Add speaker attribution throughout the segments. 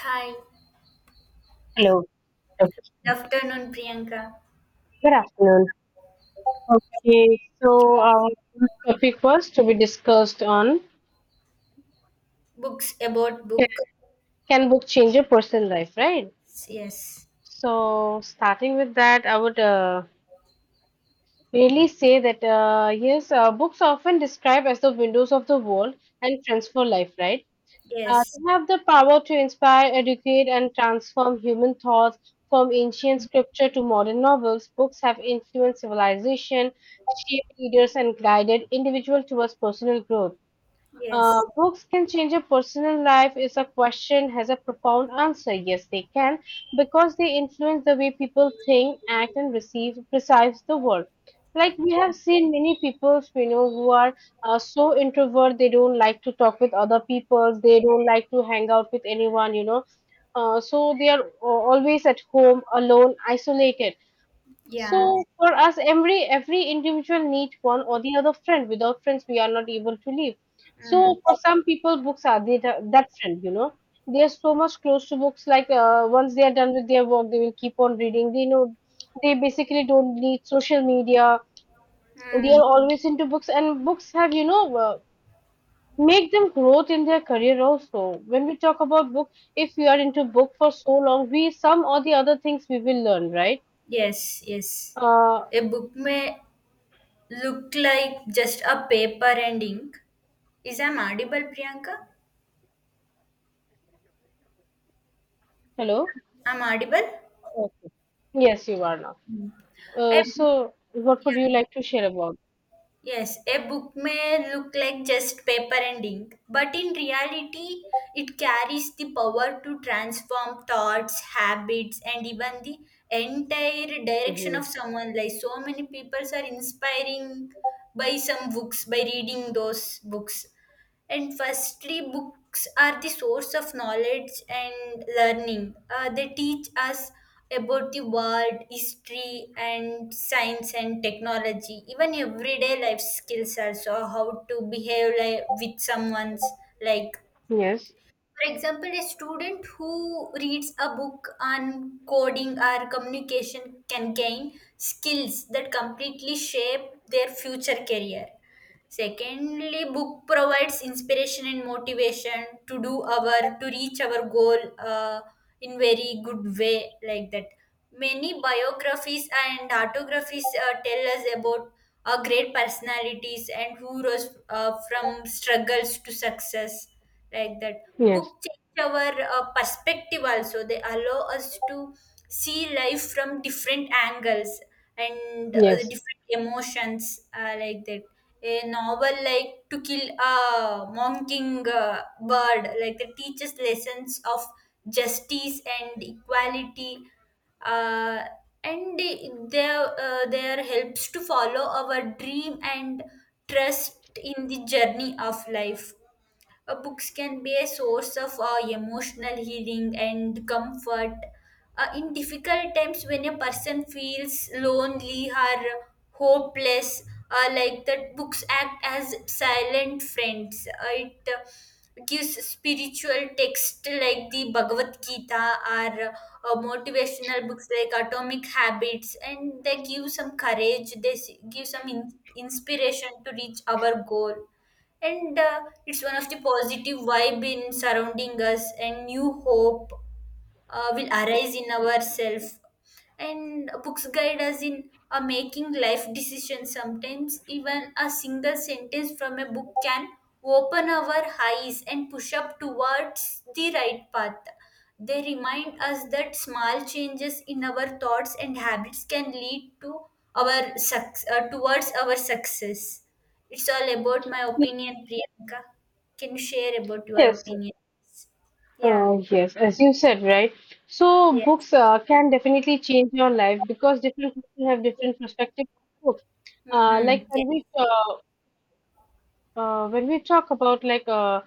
Speaker 1: Hi,
Speaker 2: Hello. Okay.
Speaker 1: good afternoon, Priyanka.
Speaker 2: Good afternoon. Okay, so our first topic was to be discussed on
Speaker 1: Books about
Speaker 2: can,
Speaker 1: books.
Speaker 2: can book change your personal life, right?
Speaker 1: Yes,
Speaker 2: So starting with that, I would really say that yes, books are often described as the windows of the world and transfer life, right?
Speaker 1: yes,
Speaker 2: They have the power to inspire, educate, and transform human thoughts. From ancient scripture to modern novels, books have influenced civilization, shaped leaders, and guided individuals towards personal growth.
Speaker 1: yes,
Speaker 2: Books can change a personal life is a question has a profound answer. Yes, they can because they influence the way people think, act, and receive perceive the world. Like we have seen many people, you know, who are so introvert they don't like to talk with other people. They don't like to hang out with anyone. You know, so they are always at home, alone, isolated,
Speaker 1: yeah.
Speaker 2: so for us, every individual needs one or the other friend. Without friends, we are not able to live.
Speaker 1: Mm.
Speaker 2: So for some people, books are the, that friend. You know, they are so much close to books. Like once they are done with their work, they will keep on reading. They know they basically don't need social media. They
Speaker 1: Mm.
Speaker 2: are always into books, and books have make them growth in their career also. When we talk about book, if we are into book for so long, we some or the other things we will learn, right?
Speaker 1: Yes, yes.
Speaker 2: Uh,
Speaker 1: A book may look like just a paper and ink. Is I'm audible, Priyanka?
Speaker 2: hello.
Speaker 1: I'm audible.
Speaker 2: Yes, you are now.
Speaker 1: A
Speaker 2: So, what would you like to share about?
Speaker 1: Yes, a book may look like just paper and ink, but in reality, it carries the power to transform thoughts, habits, and even the entire direction of
Speaker 2: Hmm.
Speaker 1: someone. Like so many people are inspiring by some books by reading those books. And firstly, books are the source of knowledge and learning. They teach us about the world, history, and science and technology, even everyday life skills, also how to behave like, with someone's like.
Speaker 2: Yes,
Speaker 1: For example, a student who reads a book on coding or communication can gain skills that completely shape their future career. Secondly, book provides inspiration and motivation to do our to reach our goal in very good way, like that many biographies and autographies tell us about great personalities and who rose from struggles to success. Like that,
Speaker 2: yes,
Speaker 1: book change our perspective, also they allow us to see life from different angles and
Speaker 2: yes.
Speaker 1: different emotions, like that a novel like To Kill a Mocking bird, like that, teaches lessons of justice and equality uh, and they- their their helps to follow our dream and trust in the journey of life. Books can be a source of emotional healing and comfort. In difficult times, when a person feels lonely or hopeless, like that, books act as silent friends. It gives spiritual text like the Bhagavad Gita or motivational books like Atomic Habits, and they give some courage. Give some inspiration to reach our goal, and it's one of the positive vibe in surrounding us, and new hope will arise in ourselves. And books guide us in making life decisions. Sometimes even a single sentence from a book can open our eyes and push up towards the right path. They remind us that small changes in our thoughts and habits can lead to our towards our success. It's all about my
Speaker 2: Y-
Speaker 1: opinion, Priyanka. Can you share about your
Speaker 2: yes,
Speaker 1: opinion? Yeah,
Speaker 2: yes. As you said, right? So,
Speaker 1: yes.
Speaker 2: books can definitely change your life because different people have different perspective of books. Uh,
Speaker 1: Hmm.
Speaker 2: like when we uh, when we talk about like uh,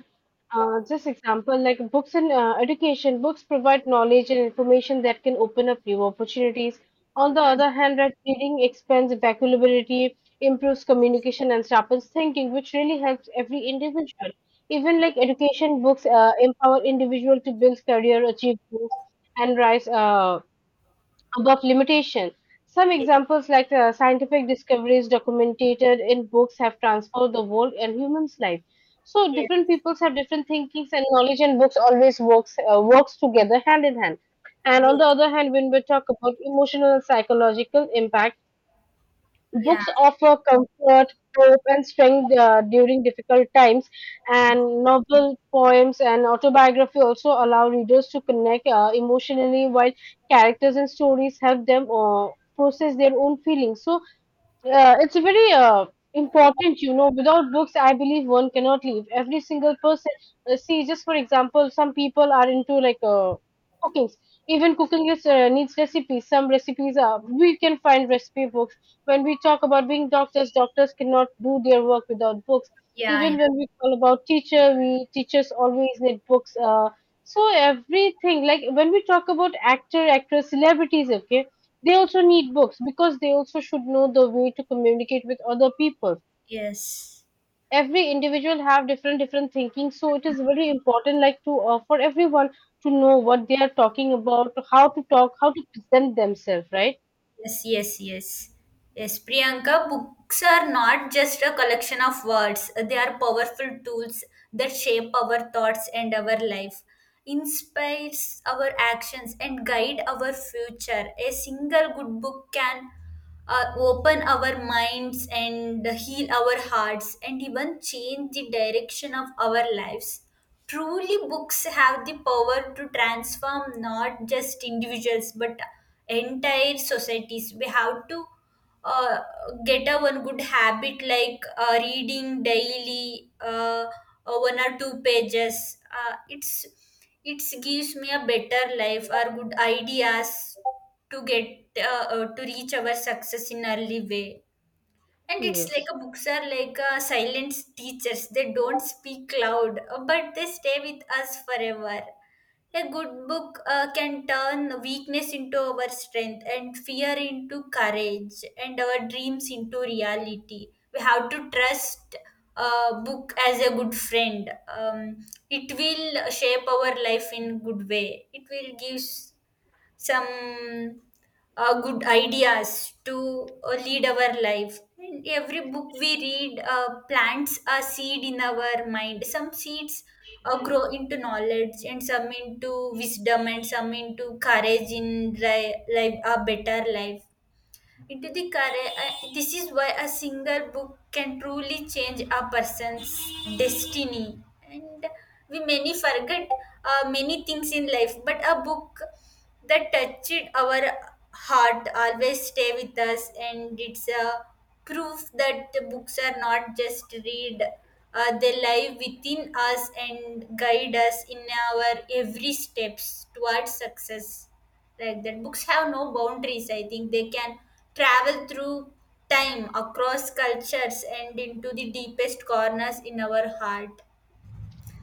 Speaker 2: uh, this example, like books and education, books provide knowledge and information that can open up new opportunities. On the
Speaker 1: Mm.
Speaker 2: other hand, right, reading expands vocabulary, improves communication, and sharpens thinking, which really helps every individual. Even like education books empower individual to build career, achieve goals, and rise. Above limitation. Some
Speaker 1: Yes,
Speaker 2: examples, like scientific discoveries documented in books, have transformed the world and humans' life. So different
Speaker 1: yes,
Speaker 2: peoples have different thinkings, and knowledge and books always works together hand in hand. And on the
Speaker 1: yes,
Speaker 2: other hand, when we talk about emotional and psychological impact,
Speaker 1: yeah,
Speaker 2: books offer comfort, hope, and strength during difficult times, and novel, poems, and autobiography also allow readers to connect emotionally while characters and stories help them process their own feelings. So, it's a very important, you know. Without books, I believe one cannot live. Every single person, see, just for example, some people are into like cooking. Even cooking is needs recipes. Some recipes are we can find recipe books. When we talk about being doctors, doctors cannot do their work without books.
Speaker 1: yeah, yeah,
Speaker 2: Even when we call about teacher, we teachers always need books. So everything like when we talk about actor, actress, celebrities, okay, they also need books because they also should know the way to communicate with other people.
Speaker 1: yes,
Speaker 2: Every individual have different different thinking, so it is very important like to for everyone to know what they are talking about, how to talk, how to present themselves, right?
Speaker 1: yes, yes, yes. Yes, Priyanka, books are not just a collection of words. They are powerful tools that shape our thoughts and our life, inspires our actions, and guide our future. A single good book can open our minds and heal our hearts and even change the direction of our lives. Truly, books have the power to transform not just individuals but entire societies. We have to uh, get a one good habit like reading daily, one or two pages. It's it gives me a better life or good ideas to get to reach our success in early way. And it's like
Speaker 2: Yes.
Speaker 1: a books are like silent teachers. They don't speak loud, but they stay with us forever. A good book can turn weakness into our strength and fear into courage and our dreams into reality. We have to trust book as a good friend. It will shape our life in good way. It will gives some good ideas to lead our life. And every book we read plants a seed in our mind. Some seeds grow into knowledge, and some into wisdom, and some into courage in life, a better life into the career. This is why a single book can truly change a person's destiny. And we many forget many things in life, but a book that touched our heart always stay with us, and it's a proof that the books are not just read. They live within us and guide us in our every steps towards success. Like that, books have no boundaries. I think they can travel through time, across cultures, and into the deepest corners in our heart.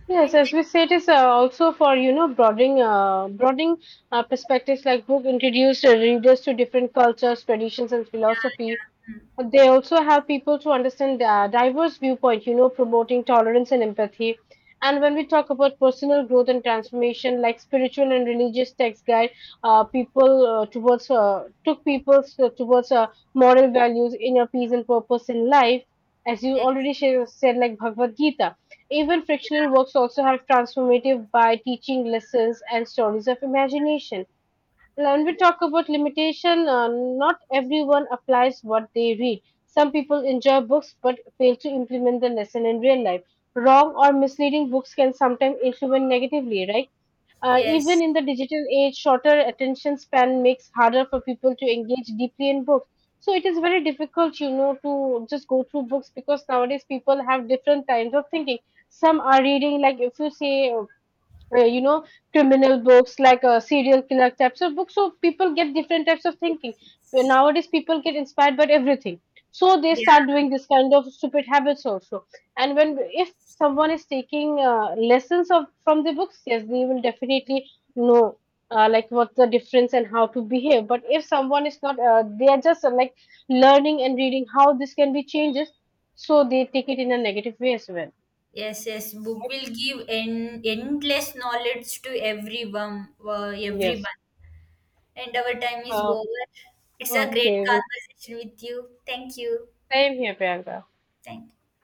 Speaker 2: Yes, as we say, it is also for you know broadening perspectives. Like book introduced readers to different cultures, traditions, and
Speaker 1: Yeah,
Speaker 2: philosophy.
Speaker 1: yeah. Hmm.
Speaker 2: They also help people to understand diverse viewpoint, you know, promoting tolerance and empathy. And when we talk about personal growth and transformation, like spiritual and religious text guide, people towards took people s- towards moral values, inner peace and purpose in life. As you
Speaker 1: Yes,
Speaker 2: already said, like Bhagavad Gita, even frictional works also have transformative by teaching lessons and stories of imagination. When we talk about limitation, not everyone applies what they read. Some people enjoy books but fail to implement the lesson in real life. Wrong or misleading books can sometimes influence negatively, right? Even
Speaker 1: yes,
Speaker 2: in the digital age, shorter attention span makes harder for people to engage deeply in books. So it is very difficult, you know, to just go through books because nowadays people have different kinds of thinking. Some are reading, like if you say you know criminal books like serial killer types of books, so people get different types of thinking. But nowadays people get inspired by everything, so they
Speaker 1: yeah.
Speaker 2: start doing this kind of stupid habits also. And when if someone is taking lessons of from the books, yes they will definitely know, like what's the difference and how to behave. But if someone is not they are just like learning and reading how this can be changes, so they take it in a negative way as well.
Speaker 1: Yes, yes, book will give endless knowledge to everyone,
Speaker 2: Yes.
Speaker 1: everyone. And our time is
Speaker 2: uh,
Speaker 1: over. It's a great
Speaker 2: okay.
Speaker 1: conversation with you. Thank you.
Speaker 2: Same selbenherberger.
Speaker 1: Thank you.